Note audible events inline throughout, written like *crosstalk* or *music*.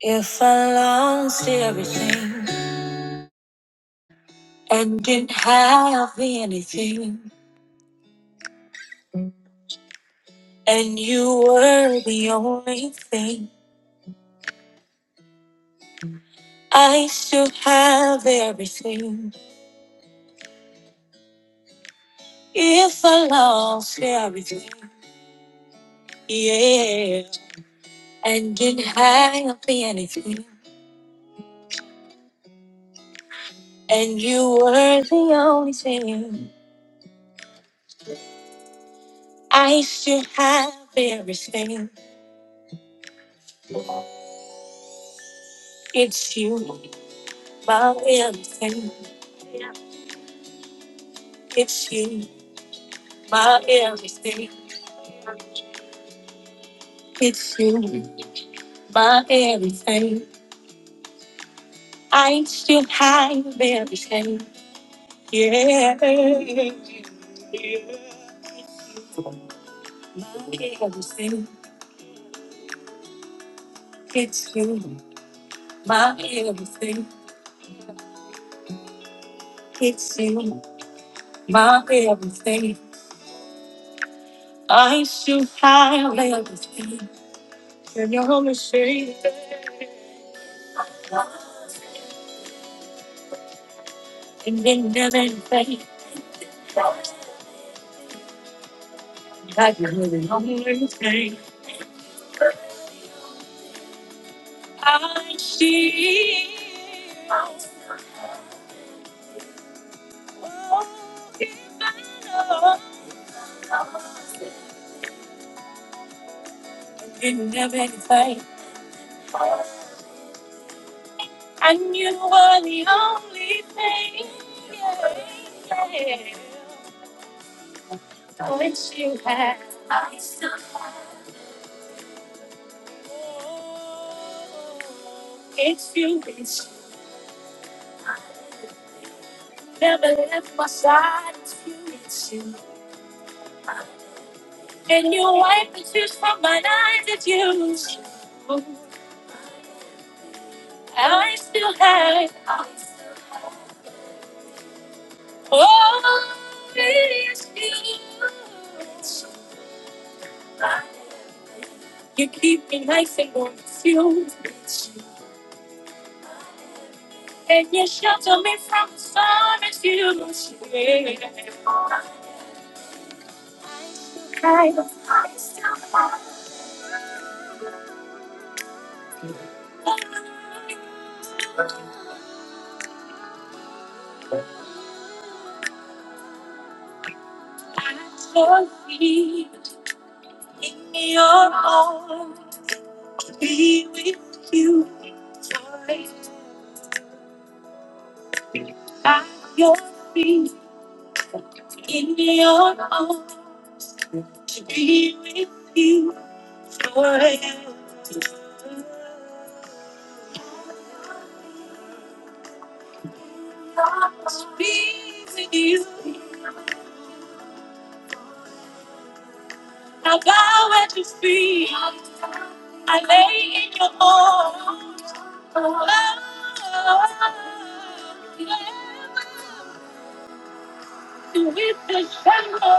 If I lost everything and didn't have anything, and you were the only thing, I still have everything. If I lost everything, yeah, and didn't have anything, and you were the only thing, I still have everything. It's you, my everything. It's you, my everything. It's you, my everything. I still have everything. Yeah. My everything. It's you, my everything. It's you, my everything. I still have everything. And you're only saying and then never faith. That you're the only thing I see. Oh, if I didn't have anything, and you were the only thing. Yeah, yeah. So it's you had, I survived. It's you, it's you. Never left my side, it's you, it's you. And you wipe the tears from my eyes, it's you. I still have, I still have. Oh, it's you. You keep me nice and warm, it's you. And you shelter me from the storm, it's you. Yeah. I love you in your arms, to be with you. Joy at your feet in your arms, to be with you. Be with you. I bow at your feet. I lay in your arms. Oh, with the shadow.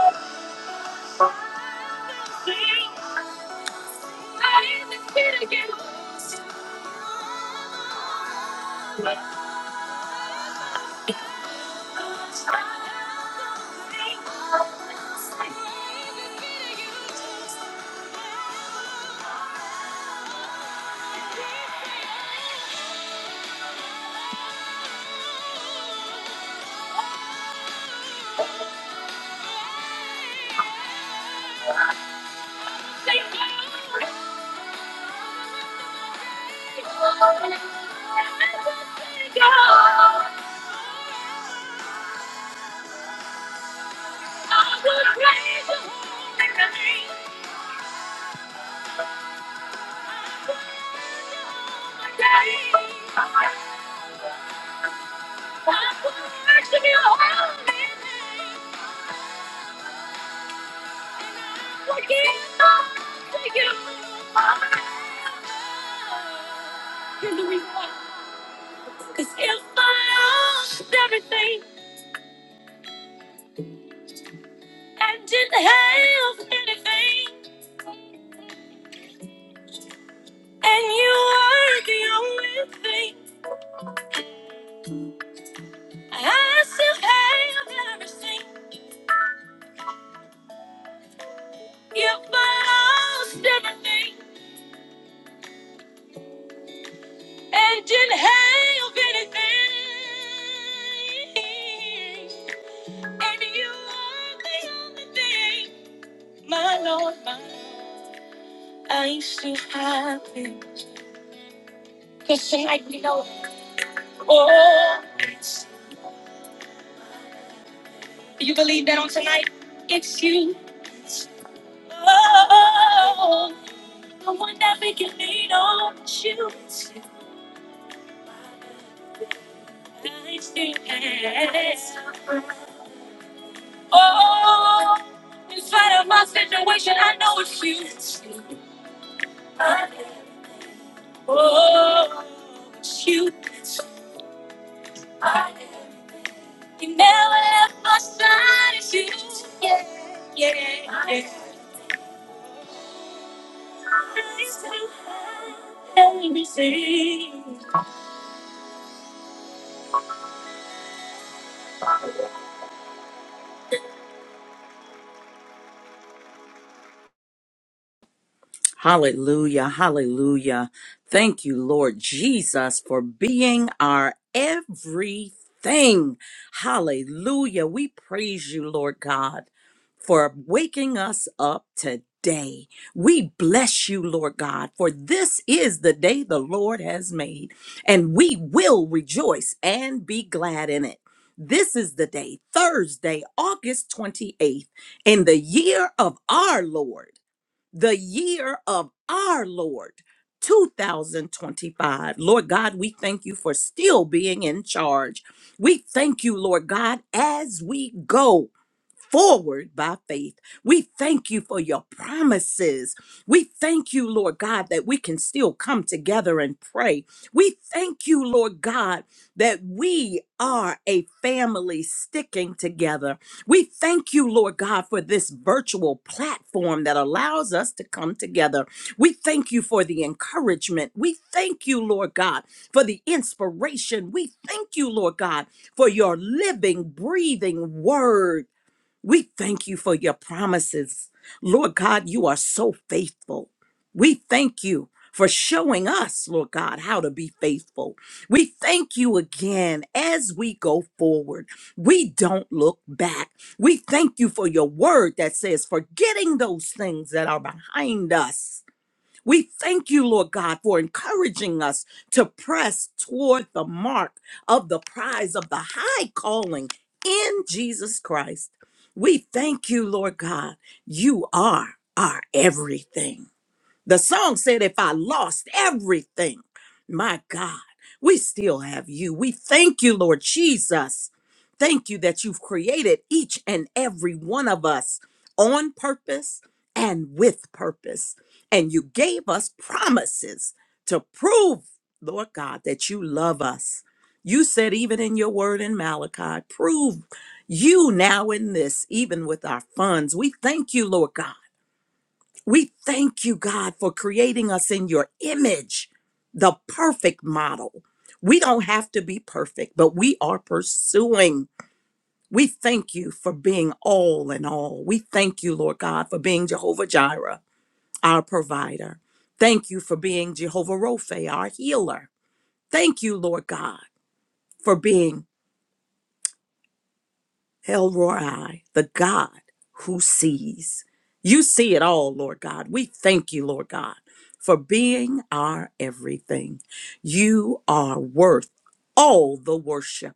I am the kid again. Here's the reason why. Cause if I lost everything and didn't have anything, and you were the only thing, I still have everything. If I lost everything and didn't have anything, and you were the only thing, my Lord, my I'm so happy. Cause tonight we know all. it's You believe that on tonight? It's you. Oh, the one that we can lean on. It's you. It's you. It's you. Yes. Oh, in spite of my situation, I know it's you. It's you. I- know. Oh, it's you. It's you. I- know. You never left my side. It's you. Yeah, yeah, yeah. It's you. Everything. Hallelujah. Hallelujah. Thank you, Lord Jesus, for being our everything. Hallelujah. We praise you, Lord God, for waking us up today. We bless you, Lord God, for this is the day the Lord has made, and we will rejoice and be glad in it. This is the day, Thursday, August 28th, in the year of our Lord the year of our Lord 2025. Lord God, we thank you for still being in charge. We thank you, Lord God, as we go forward by faith. We thank you for your promises. We thank you, Lord God, that we can still come together and pray. We thank you, Lord God, that we are a family sticking together. We thank you, Lord God, for this virtual platform that allows us to come together. We thank you for the encouragement. We thank you, Lord God, for the inspiration. We thank you, Lord God, for your living, breathing word we thank you for your promises. Lord God, you are so faithful. We thank you for showing us, Lord God, how to be faithful. We thank you again as we go forward. We don't look back. We thank you for your word that says, forgetting those things that are behind us. We thank you, Lord God, for encouraging us to press toward the mark of the prize of the high calling in Jesus Christ. We thank you, Lord God. You are our everything. The song said, If I lost everything, my God, we still have you. We thank you, Lord Jesus. Thank you that you've created each and every one of us on purpose and with purpose. And you gave us promises to prove, Lord God, that you love us. You said, even in your word in Malachi, prove you now in this, even with our funds. We thank you, Lord God we thank you, God, for creating us in your image, the perfect model. We don't have to be perfect, but we are pursuing. We thank you for being all in all. We thank you, Lord God, for being Jehovah Jireh, our provider. Thank you for being Jehovah Rophe, our healer. Thank you, Lord God, for being El Roi, the God who sees. You see it all, Lord God. We thank you, Lord God, for being our everything. You are worth all the worship.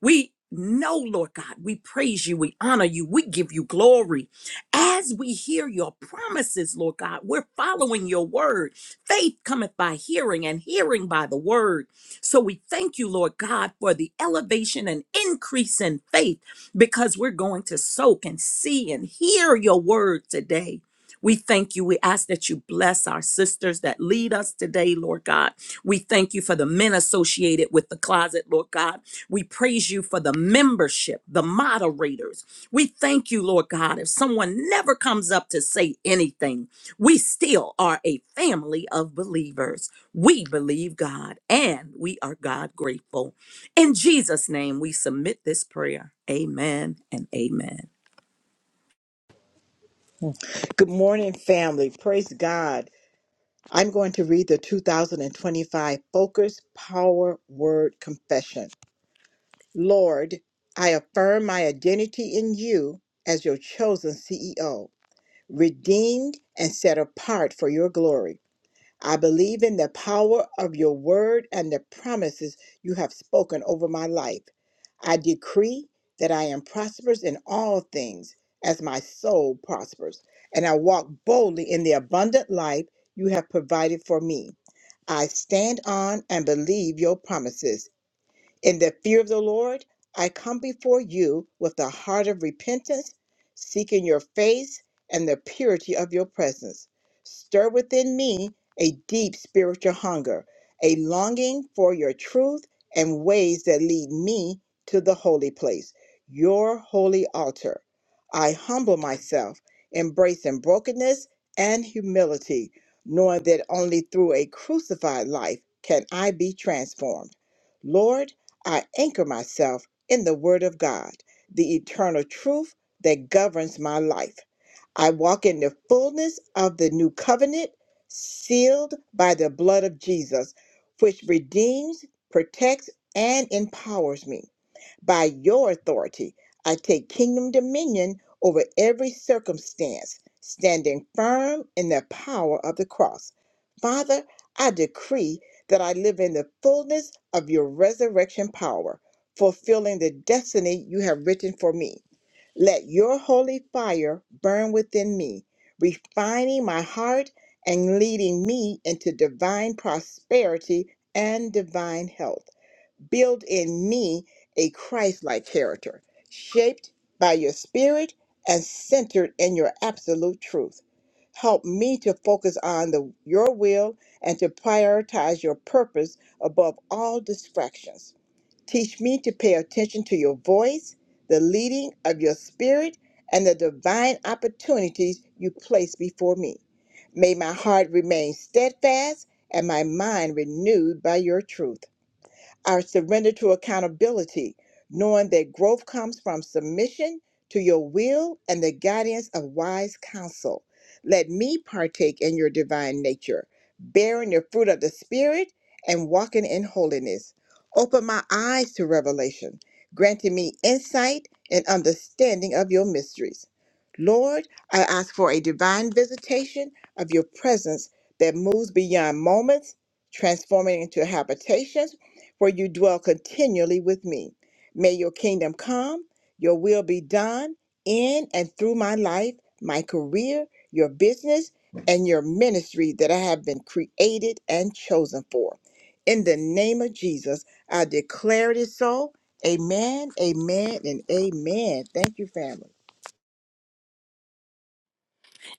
We know, Lord God, we praise you, we honor you, we give you glory. As we hear your promises, Lord God, we're following your word. Faith cometh by hearing, and hearing by the word. So we thank you, Lord God, for the elevation and increase in faith because we're going to soak and see and hear your word today. We thank you. We ask that you bless our sisters that lead us today, Lord God. We thank you for the men associated with the closet, Lord God. We praise you for the membership, the moderators. We thank you, Lord God. If someone never comes up to say anything, we still are a family of believers. We believe God and we are God grateful. In Jesus' name, we submit this prayer. Amen and amen. Good morning, family. Praise God. I'm going to read the 2025 Focus Power Word Confession. Lord, I affirm my identity in you as your chosen CEO, redeemed and set apart for your glory. I believe in the power of your word and the promises you have spoken over my life. I decree that I am prosperous in all things as my soul prospers, and I walk boldly in the abundant life you have provided for me. I stand on and believe your promises. In the fear of the Lord, I come before you with a heart of repentance, seeking your face and the purity of your presence. Stir within me a deep spiritual hunger, a longing for your truth and ways that lead me to the holy place, your holy altar. I humble myself, embracing brokenness and humility, knowing that only through a crucified life can I be transformed. Lord, I anchor myself in the Word of God, the eternal truth that governs my life. I walk in the fullness of the new covenant, sealed by the blood of Jesus, which redeems, protects, and empowers me. By your authority, I take kingdom dominion over every circumstance, standing firm in the power of the cross. Father, I decree that I live in the fullness of your resurrection power, fulfilling the destiny you have written for me. Let your holy fire burn within me, refining my heart and leading me into divine prosperity and divine health. Build in me a Christ like character, shaped by your spirit and centered in your absolute truth. Help me to focus on the, your will and to prioritize your purpose above all distractions. Teach me to pay attention to your voice, the leading of your spirit, and the divine opportunities you place before me. May my heart remain steadfast and my mind renewed by your truth our surrender to accountability, knowing that growth comes from submission to your will and the guidance of wise counsel. Let me partake in your divine nature, bearing the fruit of the Spirit and walking in holiness. Open my eyes to revelation, granting me insight and understanding of your mysteries. Lord, I ask for a divine visitation of your presence that moves beyond moments, transforming into habitations for you dwell continually with me. May your kingdom come, your will be done in and through my life, my career, your business, and your ministry that I have been created and chosen for. In the name of Jesus, I declare it is so. Amen, amen, and amen. Thank you, family.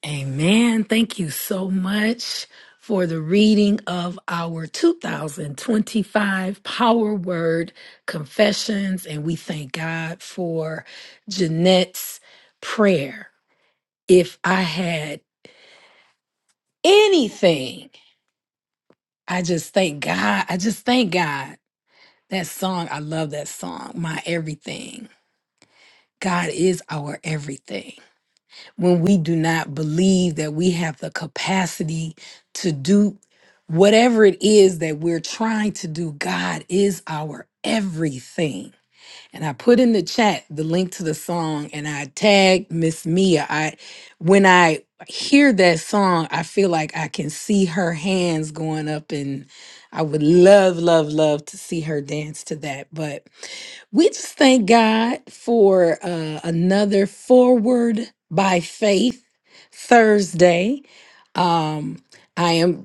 Amen. Thank you so much for the reading of our 2025 Power Word Confessions. And we thank God for Jeanette's prayer. If I had anything, I just thank God. I just thank God. That song, I love that song, My Everything. God is our everything. when we do not believe that we have the capacity to do whatever it is that we're trying to do. God is our everything and I put in the chat the link to the song and I tagged Miss Mia. I when I hear that song, I feel like I can see her hands going up and I would love, love, love to see her dance to that. But we just thank God for uh, another Forward by Faith Thursday. Um, I am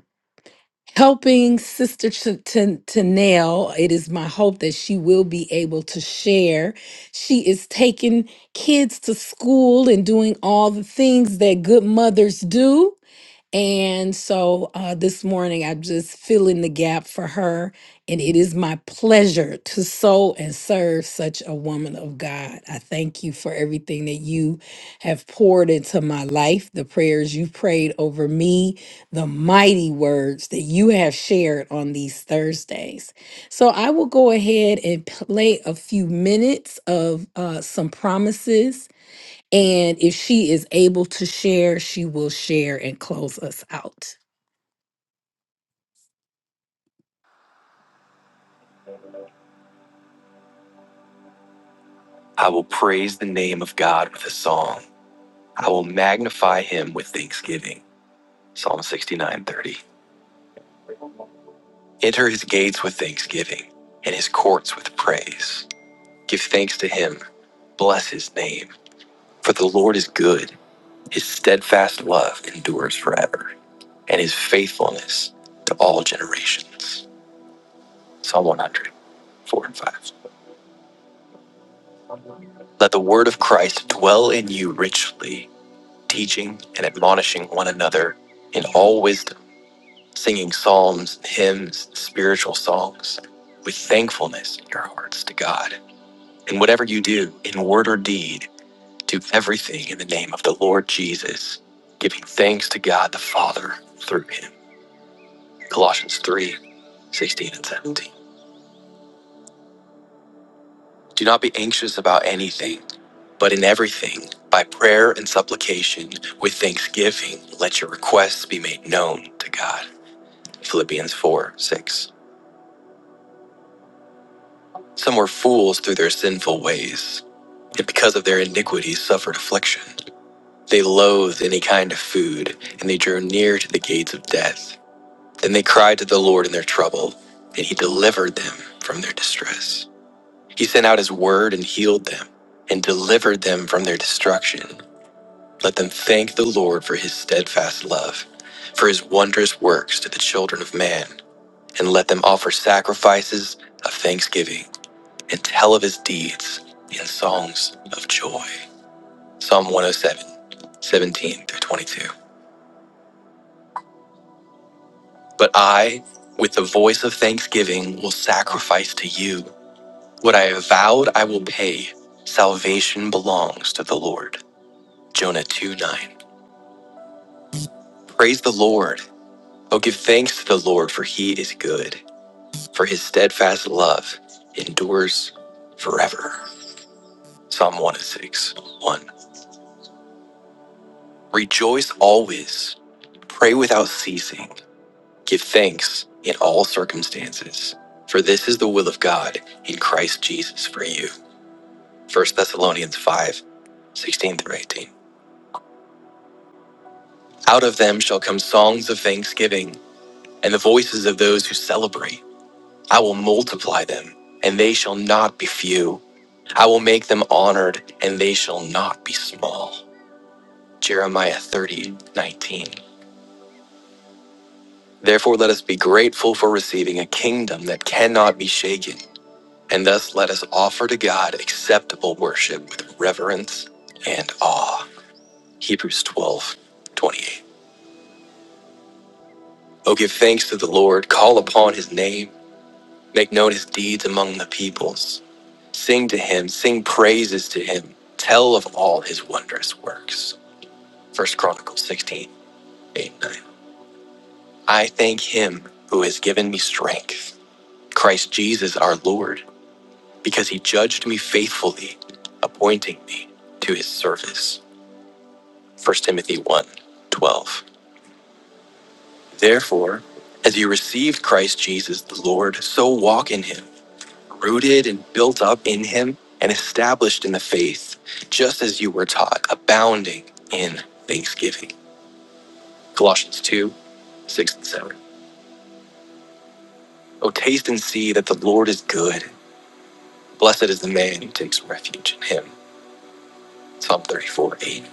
helping Sister to, to, Nail. It is my hope that she will be able to share. She is taking kids to school and doing all the things that good mothers do. And so uh, this morning, I'm just filling the gap for her. And it is my pleasure to sow and serve such a woman of God. I thank you for everything that you have poured into my life, the prayers you prayed over me, the mighty words that you have shared on these Thursdays. So I will go ahead and play a few minutes of uh, some promises and if she is able to share, she will share and close us out. I will praise the name of God with a song. I will magnify him with thanksgiving. Psalm 69:30. Enter his gates with thanksgiving and his courts with praise. Give thanks to him. Bless his name. For the Lord is good. His steadfast love endures forever, and his faithfulness to all generations. Psalm 100, 4 and 5. Let the word of Christ dwell in you richly, teaching and admonishing one another in all wisdom, singing psalms, hymns, spiritual songs, with thankfulness in your hearts to God. And whatever you do, in word or deed, do everything in the name of the Lord Jesus, giving thanks to God the Father through him. Colossians 3 16 and 17. Do not be anxious about anything, but in everything, by prayer and supplication, with thanksgiving, let your requests be made known to God. Philippians 4 6. Some were fools through their sinful ways, and because of their iniquities suffered affliction. They loathed any kind of food, and they drew near to the gates of death. Then they cried to the Lord in their trouble, and he delivered them from their distress. He sent out his word and healed them, and delivered them from their destruction. Let them thank the Lord for his steadfast love, for his wondrous works to the children of man, and let them offer sacrifices of thanksgiving and tell of his deeds in songs of joy. Psalm 107, 17 through 22. But I, with the voice of thanksgiving, will sacrifice to you. What I have vowed, I will pay. Salvation belongs to the Lord. Jonah 2 9. Praise the Lord. Oh, give thanks to the Lord, for he is good. for his steadfast love endures forever. Psalm 106 1. Rejoice always, pray without ceasing, give thanks in all circumstances, for this is the will of God in Christ Jesus for you. First Thessalonians 5:16 through 18. Out of them shall come songs of thanksgiving and the voices of those who celebrate. I will multiply them, and they shall not be few. I will make them honored, and they shall not be small. Jeremiah 30:19. Therefore, let us be grateful for receiving a kingdom that cannot be shaken, and thus let us offer to God acceptable worship with reverence and awe. Hebrews 12:28. Oh, give thanks to the Lord, call upon his name, make known his deeds among the peoples. Sing to him, sing praises to him, tell of all his wondrous works. First Chronicles sixteen eight, 9. I thank him who has given me strength, Christ Jesus our Lord, because he judged me faithfully, appointing me to his service. First Timothy one 12. Therefore, as you received Christ Jesus the Lord, so walk in him rooted and built up in Him and established in the faith, just as you were taught, abounding in thanksgiving. Colossians 2 6 and 7. Oh, taste and see that the Lord is good. Blessed is the man who takes refuge in Him. Psalm 34 8.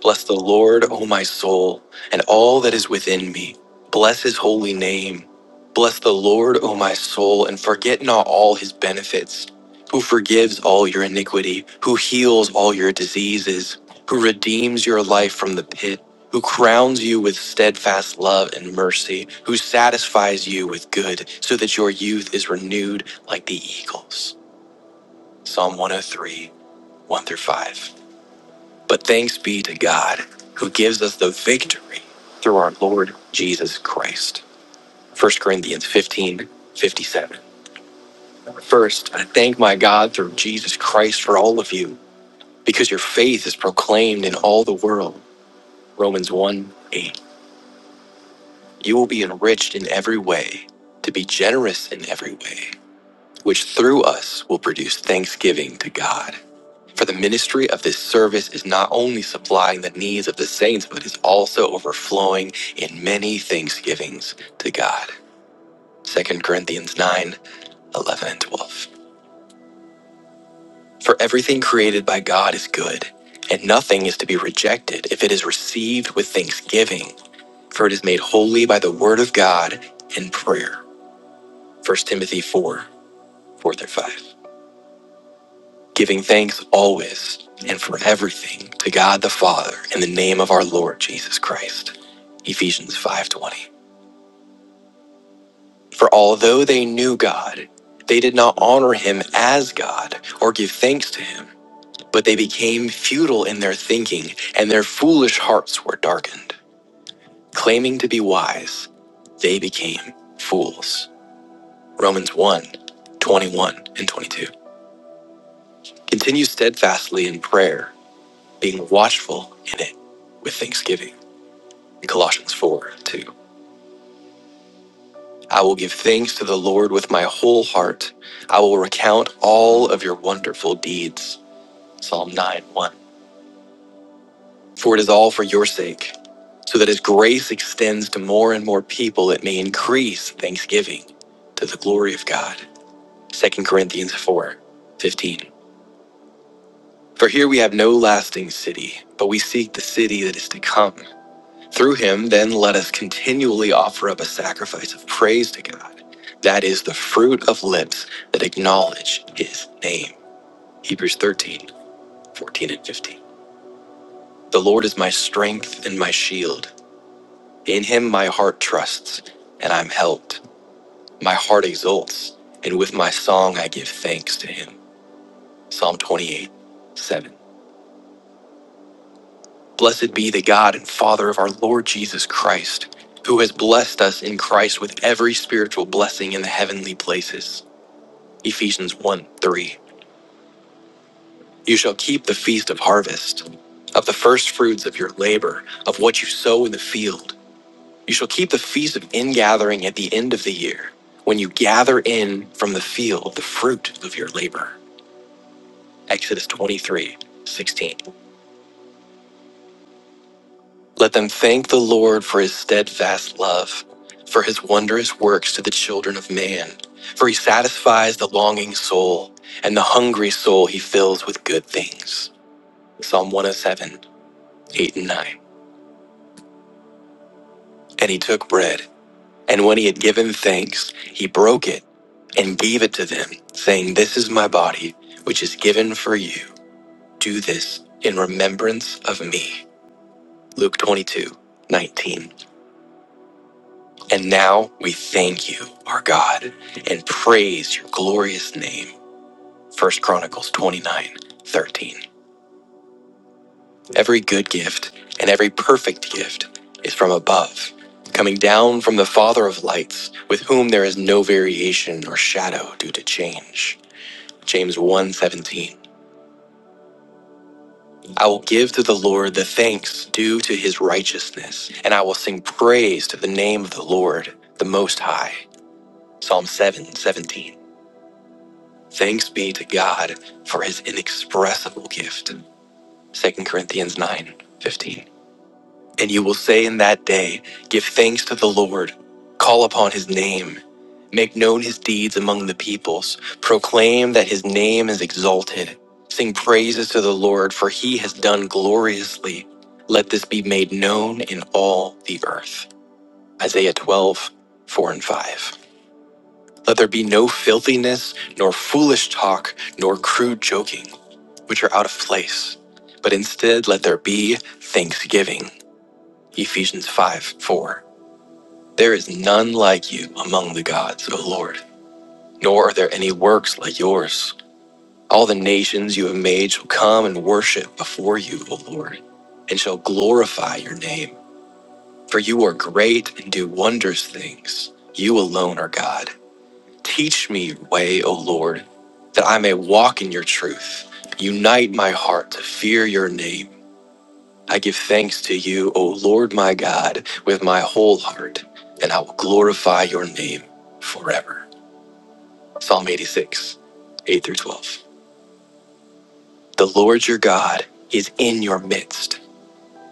Bless the Lord, O my soul, and all that is within me. Bless his holy name. Bless the Lord, O my soul, and forget not all his benefits, who forgives all your iniquity, who heals all your diseases, who redeems your life from the pit, who crowns you with steadfast love and mercy, who satisfies you with good, so that your youth is renewed like the eagles. Psalm 103, 1 through 5. But thanks be to God who gives us the victory through our Lord Jesus Christ. First Corinthians fifteen fifty-seven. First, I thank my God through Jesus Christ for all of you, because your faith is proclaimed in all the world. Romans 1 8. You will be enriched in every way, to be generous in every way, which through us will produce thanksgiving to God. For the ministry of this service is not only supplying the needs of the saints, but is also overflowing in many thanksgivings to God. Second Corinthians 9 11 and 12. For everything created by God is good, and nothing is to be rejected if it is received with thanksgiving, for it is made holy by the word of God and prayer. First Timothy 4 4 through 5. giving thanks always and for everything to God the Father in the name of our Lord Jesus Christ. Ephesians 5:20. For although they knew God, they did not honor him as God or give thanks to him, but they became futile in their thinking and their foolish hearts were darkened. Claiming to be wise, they became fools. Romans 1 twenty-one and 22. Continue steadfastly in prayer, being watchful in it with thanksgiving. Colossians 4 2. I will give thanks to the Lord with my whole heart. I will recount all of your wonderful deeds. Psalm 9 1. For it is all for your sake, so that as grace extends to more and more people, it may increase thanksgiving to the glory of God. Second Corinthians four fifteen. For here we have no lasting city, but we seek the city that is to come. Through him, then, let us continually offer up a sacrifice of praise to God. That is the fruit of lips that acknowledge his name. Hebrews 13:14 and 15. The Lord is my strength and my shield. In him my heart trusts, and I'm helped. My heart exults, and with my song I give thanks to him. Psalm 28:17. Blessed be the God and Father of our Lord Jesus Christ, who has blessed us in Christ with every spiritual blessing in the heavenly places. Ephesians 1 3. You shall keep the feast of harvest, of the first fruits of your labor, of what you sow in the field. You shall keep the feast of ingathering at the end of the year, when you gather in from the field the fruit of your labor. Exodus 23 16. Let them thank the Lord for his steadfast love, for his wondrous works to the children of man. For he satisfies the longing soul, and the hungry soul he fills with good things. Psalm 107, 8 and 9. And he took bread, and when he had given thanks, he broke it and gave it to them, saying, This is my body, which is given for you. Do this in remembrance of me. Luke 22:19. And now we thank you, our God, and praise your glorious name. First Chronicles 29 13. Every good gift and every perfect gift is from above, coming down from the Father of lights, with whom there is no variation or shadow due to change. James one 17. I will give to the Lord the thanks due to his righteousness, and I will sing praise to the name of the Lord, the Most High. Psalm 7 17. Thanks be to God for his inexpressible gift. Second Corinthians 9 15. And you will say in that day, Give thanks to the Lord, call upon his name, make known his deeds among the peoples, proclaim that his name is exalted, sing praises to the Lord, for he has done gloriously. Let this be made known in all the earth. Isaiah 12 4 and 5. Let there be no filthiness, nor foolish talk, nor crude joking which are out of place, but instead let there be thanksgiving. Ephesians 5 4. There is none like you among the gods, O Lord, nor are there any works like yours. All the nations you have made shall come and worship before you, O Lord, and shall glorify your name. For you are great and do wondrous things. You alone are God. Teach me your way, O Lord, that I may walk in your truth. Unite my heart to fear your name. I give thanks to you, O Lord my God, with my whole heart, and I will glorify your name forever. Psalm 86, 8 through 12. The Lord your God is in your midst,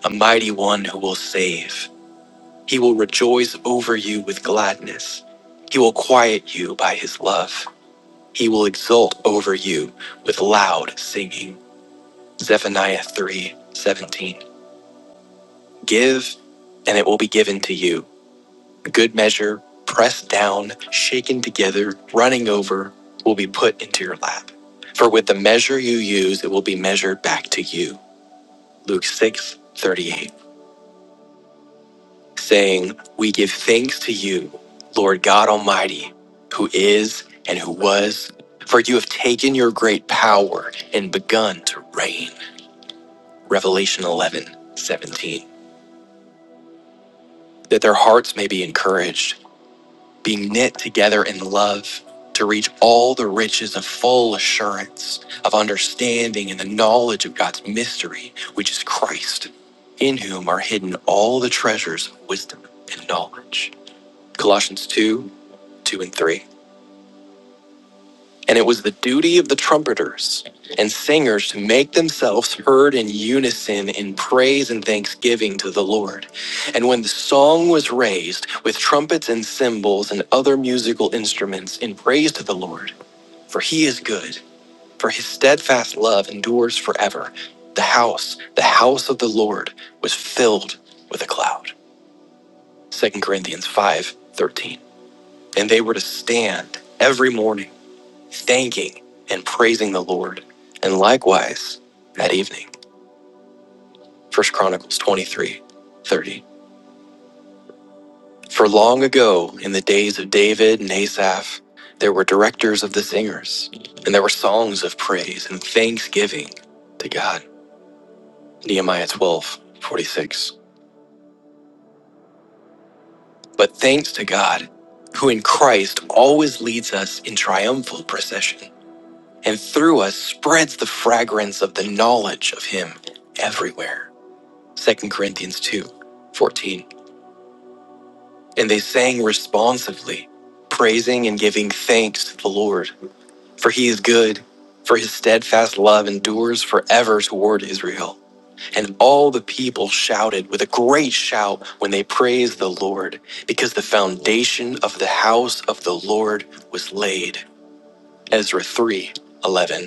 a mighty one who will save. He will rejoice over you with gladness. He will quiet you by his love. He will exult over you with loud singing. Zephaniah 3 17. Give, and it will be given to you. Good measure, pressed down, shaken together, running over, will be put into your lap. For with the measure you use, it will be measured back to you. Luke 6 38, saying, We give thanks to you, Lord God Almighty, who is and who was, for you have taken your great power and begun to reign. Revelation 11 17, That their hearts may be encouraged being knit together in love to reach all the riches of full assurance of understanding and the knowledge of God's mystery, which is Christ, in whom are hidden all the treasures of wisdom and knowledge. Colossians 2 2 and 3. And it was the duty of the trumpeters and singers to make themselves heard in unison in praise and thanksgiving to the Lord. And when the song was raised with trumpets and cymbals and other musical instruments in praise to the Lord, for he is good, for his steadfast love endures forever, the house, the house of the Lord, was filled with a cloud. Second Corinthians 5 13. And they were to stand every morning thanking and praising the Lord, and likewise that evening. First Chronicles 23, 30. For long ago, in the days of David and Asaph, there were directors of the singers, and there were songs of praise and thanksgiving to God. Nehemiah 12, 46. But thanks to God, who in Christ always leads us in triumphal procession, and through us spreads the fragrance of the knowledge of Him everywhere. Second Corinthians 2, 14, And they sang responsively, praising and giving thanks to the Lord, for he is good, for his steadfast love endures forever toward Israel. And all the people shouted with a great shout when they praised the Lord, because the foundation of the house of the Lord was laid. Ezra 3:11.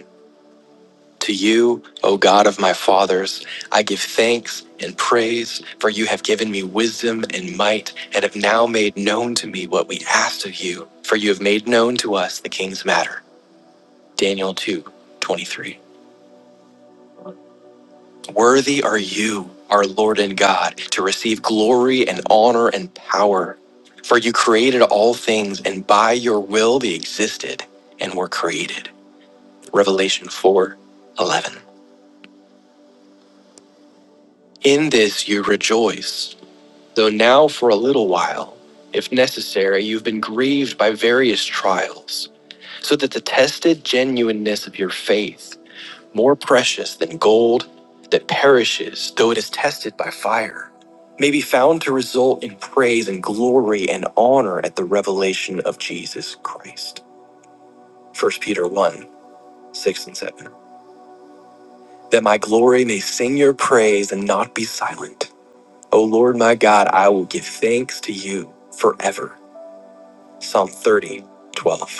To you, O God of my fathers, I give thanks and praise, for you have given me wisdom and might, and have now made known to me what we asked of you, for you have made known to us the king's matter. Daniel two, twenty-three. Worthy are you, our Lord and God, to receive glory and honor and power, for you created all things, and by your will they existed and were created. Revelation 4, 11. In this you rejoice Though now, for a little while, if necessary, you've been grieved by various trials, so that the tested genuineness of your faith, more precious than gold that perishes though it is tested by fire, may be found to result in praise and glory and honor at the revelation of Jesus Christ. First Peter 1 6 and 7. That my glory may sing your praise and not be silent. O Lord my God, I will give thanks to you forever Psalm 30, 12.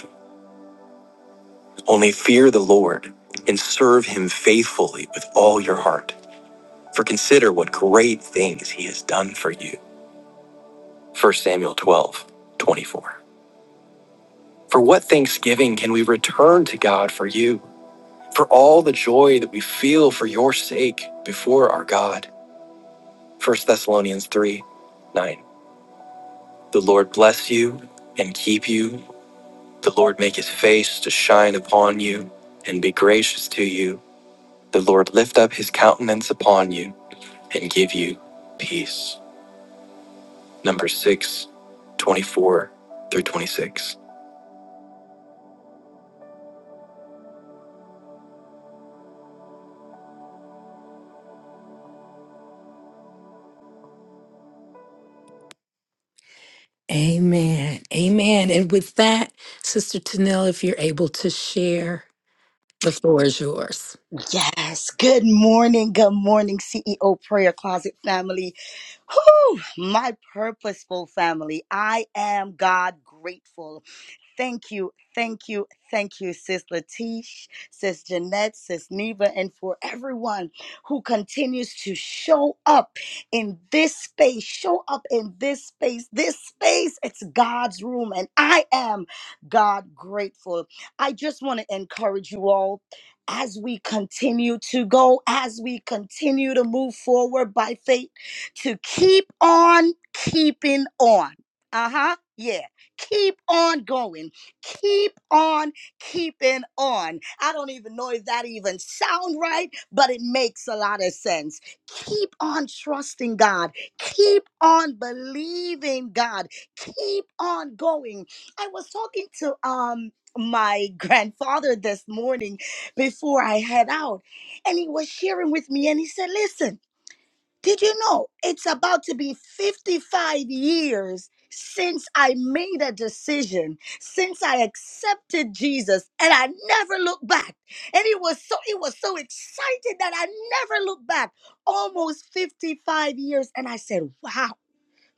Only fear the Lord and serve him faithfully with all your heart, for consider what great things he has done for you. First Samuel 12, 24. For what thanksgiving can we return to God for you, for all the joy that we feel for your sake before our God? First Thessalonians 3, 9. The Lord bless you and keep you. The Lord make his face to shine upon you and be gracious to you. The Lord lift up his countenance upon you and give you peace. Numbers 6, 24 through 26. Amen. Amen. And with that, Sister Tanil, if you're able to share, the floor is yours. Yes. Good morning. Good morning, CEO Prayer Closet family. Whew, my purposeful family. I am God grateful. Thank you, thank you, thank you, Sis Latish, Sis Jeanette, Sis Neva, and for everyone who continues to show up in this space. Show up in this space. This space, it's God's room, and I am God grateful. I just want to encourage you all as we continue to go, as we continue to move forward by faith, to keep on keeping on. Uh huh. Yeah Keep on going. Keep on keeping on. I don't even know if that even sound right, but it makes a lot of sense. Keep on trusting God. Keep on believing God. Keep on going. I was talking to um my *laughs* grandfather this morning before I head out, and he was sharing with me, and he said, "Listen." Did you know it's about to be 55 years since I made a decision, since I accepted Jesus, and I never looked back. And it was so it was so exciting that I never looked back. Almost 55 years and I said, "Wow.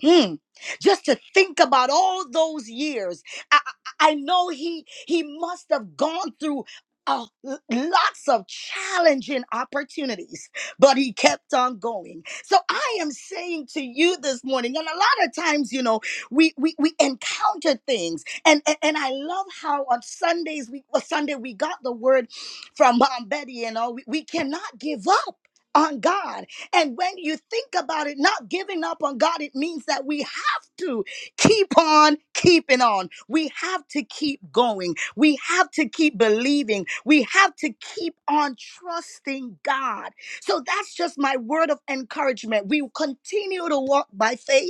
Hmm. Just to think about all those years, I, I I know he he must have gone through uh, l- lots of challenging opportunities, but he kept on going. So I am saying to you this morning, and a lot of times, you know, we we, we encounter things, and, and and I love how on Sundays we well, Sunday we got the word from Mom Betty, you know, we, we cannot give up on God and when you think about it, not giving up on God, it means that we have to keep on keeping on. We have to keep going. We have to keep believing. We have to keep on trusting God. So that's just my word of encouragement. We continue to walk by faith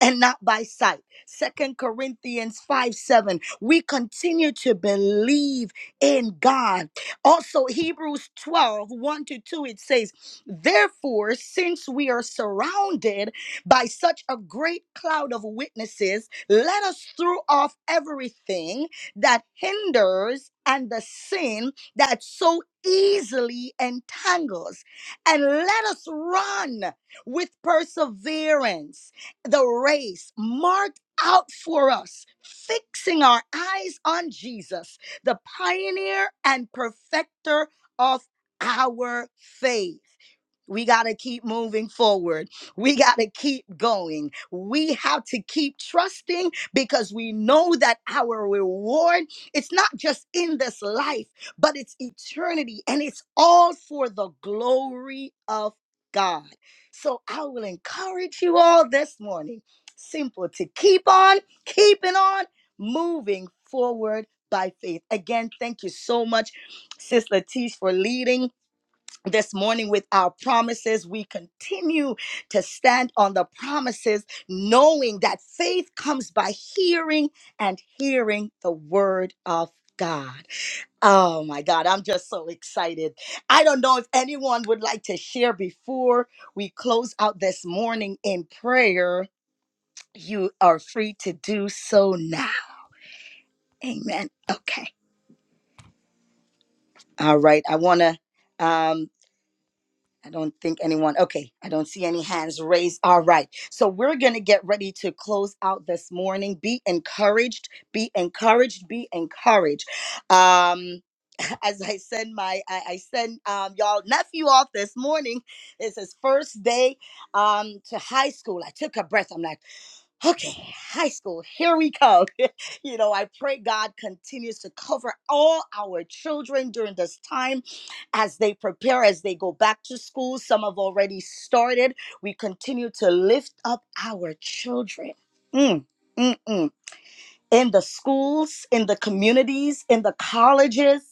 and not by sight. Second Corinthians 5 7. We continue to believe in God. Also, Hebrews twelve one to 2, it says, Therefore, since we are surrounded by such a great cloud of witnesses, let us throw off everything that hinders and the sin that so easily entangles, and let us run with perseverance the race marked out for us, fixing our eyes on Jesus, the pioneer and perfecter of our faith. We got to keep moving forward. We got to keep going. We have to keep trusting because we know that our reward it's not just in this life, but it's eternity and it's all for the glory of God. So I will encourage you all this morning simple to keep on keeping on moving forward by faith. Again, thank you so much Sis Latish for leading this morning with our promises. We continue to stand on the promises, knowing that faith comes by hearing and hearing the word of God. Oh my God, I'm just so excited. I don't know if anyone would like to share before we close out this morning in prayer. You are free to do so now. Amen. Okay. All right. I want to. I don't think anyone, okay, I don't see any hands raised. All right. So we're going to get ready to close out this morning. Be encouraged, be encouraged, be encouraged. Um, *laughs* as I send my, I, I send um, y'all nephew off this morning. It's his first day um, to high school. I took a breath. I'm like, okay, high school, here we come. *laughs* you know, I pray God continues to cover all our children during this time as they prepare, as they go back to school. Some have already started. We continue to lift up our children. Mm, mm, mm in the schools, in the communities, in the colleges.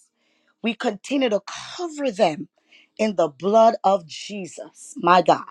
We continue to cover them in the blood of Jesus, my God.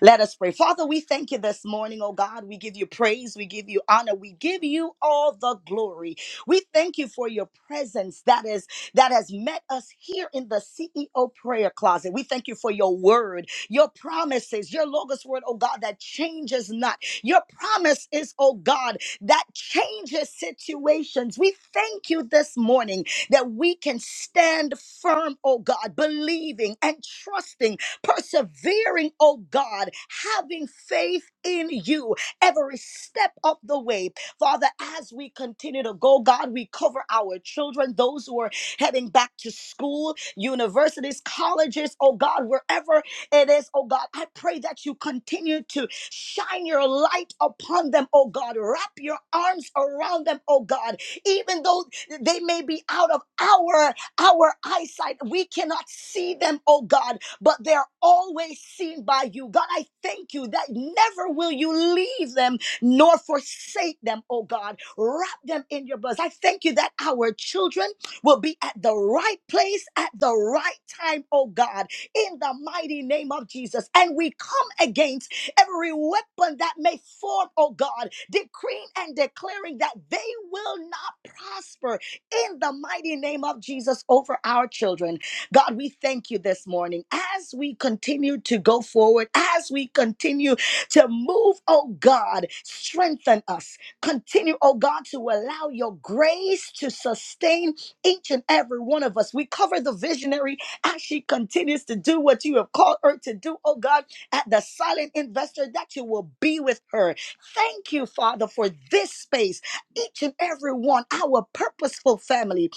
Let us pray. Father, we thank you this morning, oh God. We give you praise, we give you honor, we give you all the glory. We thank you for your presence that is that has met us here in the CEO prayer closet. We thank you for your word, your promises, your logos word, oh God, that changes not. Your promise is, oh God, that changes situations. We thank you this morning that we can stand firm, oh God, believing and trusting, persevering, oh God, having faith in you every step of the way. Father, as we continue to go, God, we cover our children, those who are heading back to school, universities, colleges, oh God, wherever it is, oh God, I pray that you continue to Shine your light upon them, oh God. Wrap your arms around them, oh God. Even though they may be out of our our eyesight, we cannot see them, oh God, but they're always seen by you. God, I thank you that never will you leave them nor forsake them, oh God. Wrap them in your blood. I thank you that our children will be at the right place at the right time, oh God, in the mighty name of Jesus. And we come against every weapon that may form, oh God, decreeing and declaring that they will not prosper in the mighty name of Jesus over our children. God, we thank you this morning as we continue to go forward, as we continue to move, oh God, strengthen us. Continue, oh God, to allow your grace to sustain each and every one of us. We cover the visionary as she continues to do what you have called her to do, oh God at the silent investor that you will be with her. Thank you, Father, for this space, each and every one, our purposeful family,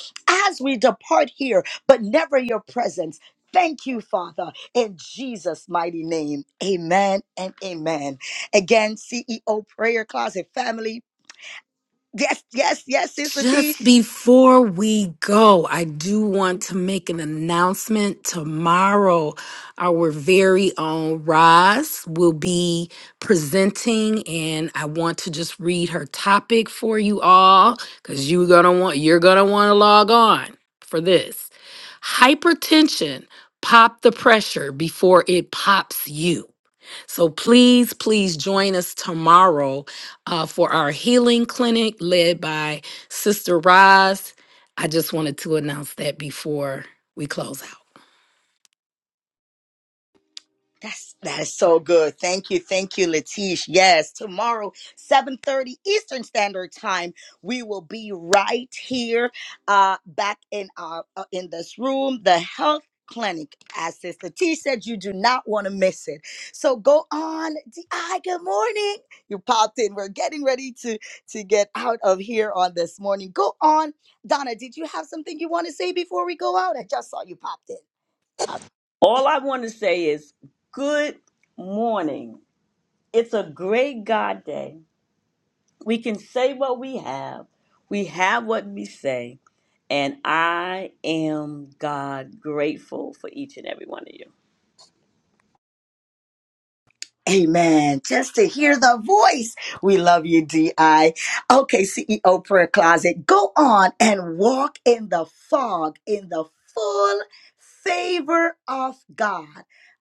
as we depart here, but never your presence. Thank you, Father, in Jesus' mighty name. Amen and amen. Again, CEO Prayer Closet family. Yes, yes, yes, Sis Latish. Just before we go, I do want to make an announcement. Tomorrow, our very own Roz will be presenting, and I want to just read her topic for you all because you're gonna want you're gonna want to log on for this. Hypertension, pop the pressure before it pops you. So please, please join us tomorrow uh, for our healing clinic led by Sister Roz, I just wanted to announce that before we close out. That's that is so good. Thank you, thank you, Latish. Yes, tomorrow, 7:30 Eastern Standard Time, we will be right here uh back in our uh, in this room, the health clinic. As Sister T said, you do not want to miss it. So go on. Di, good morning. You popped in. We're getting ready to to get out of here on this morning. Go on. Donna, did you have something you want to say before we go out? I just saw you popped in. All I want to say is good morning. It's a great God day. We can say what we have, we have what we say, and I am God grateful for each and every one of you. Amen. Just to hear the voice. We love you, DI. Okay, CEO Prayer Closet, go on and walk in the fog, in the full favor of God.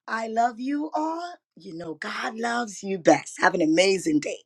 I love you all. You know, God loves you best. Have an amazing day.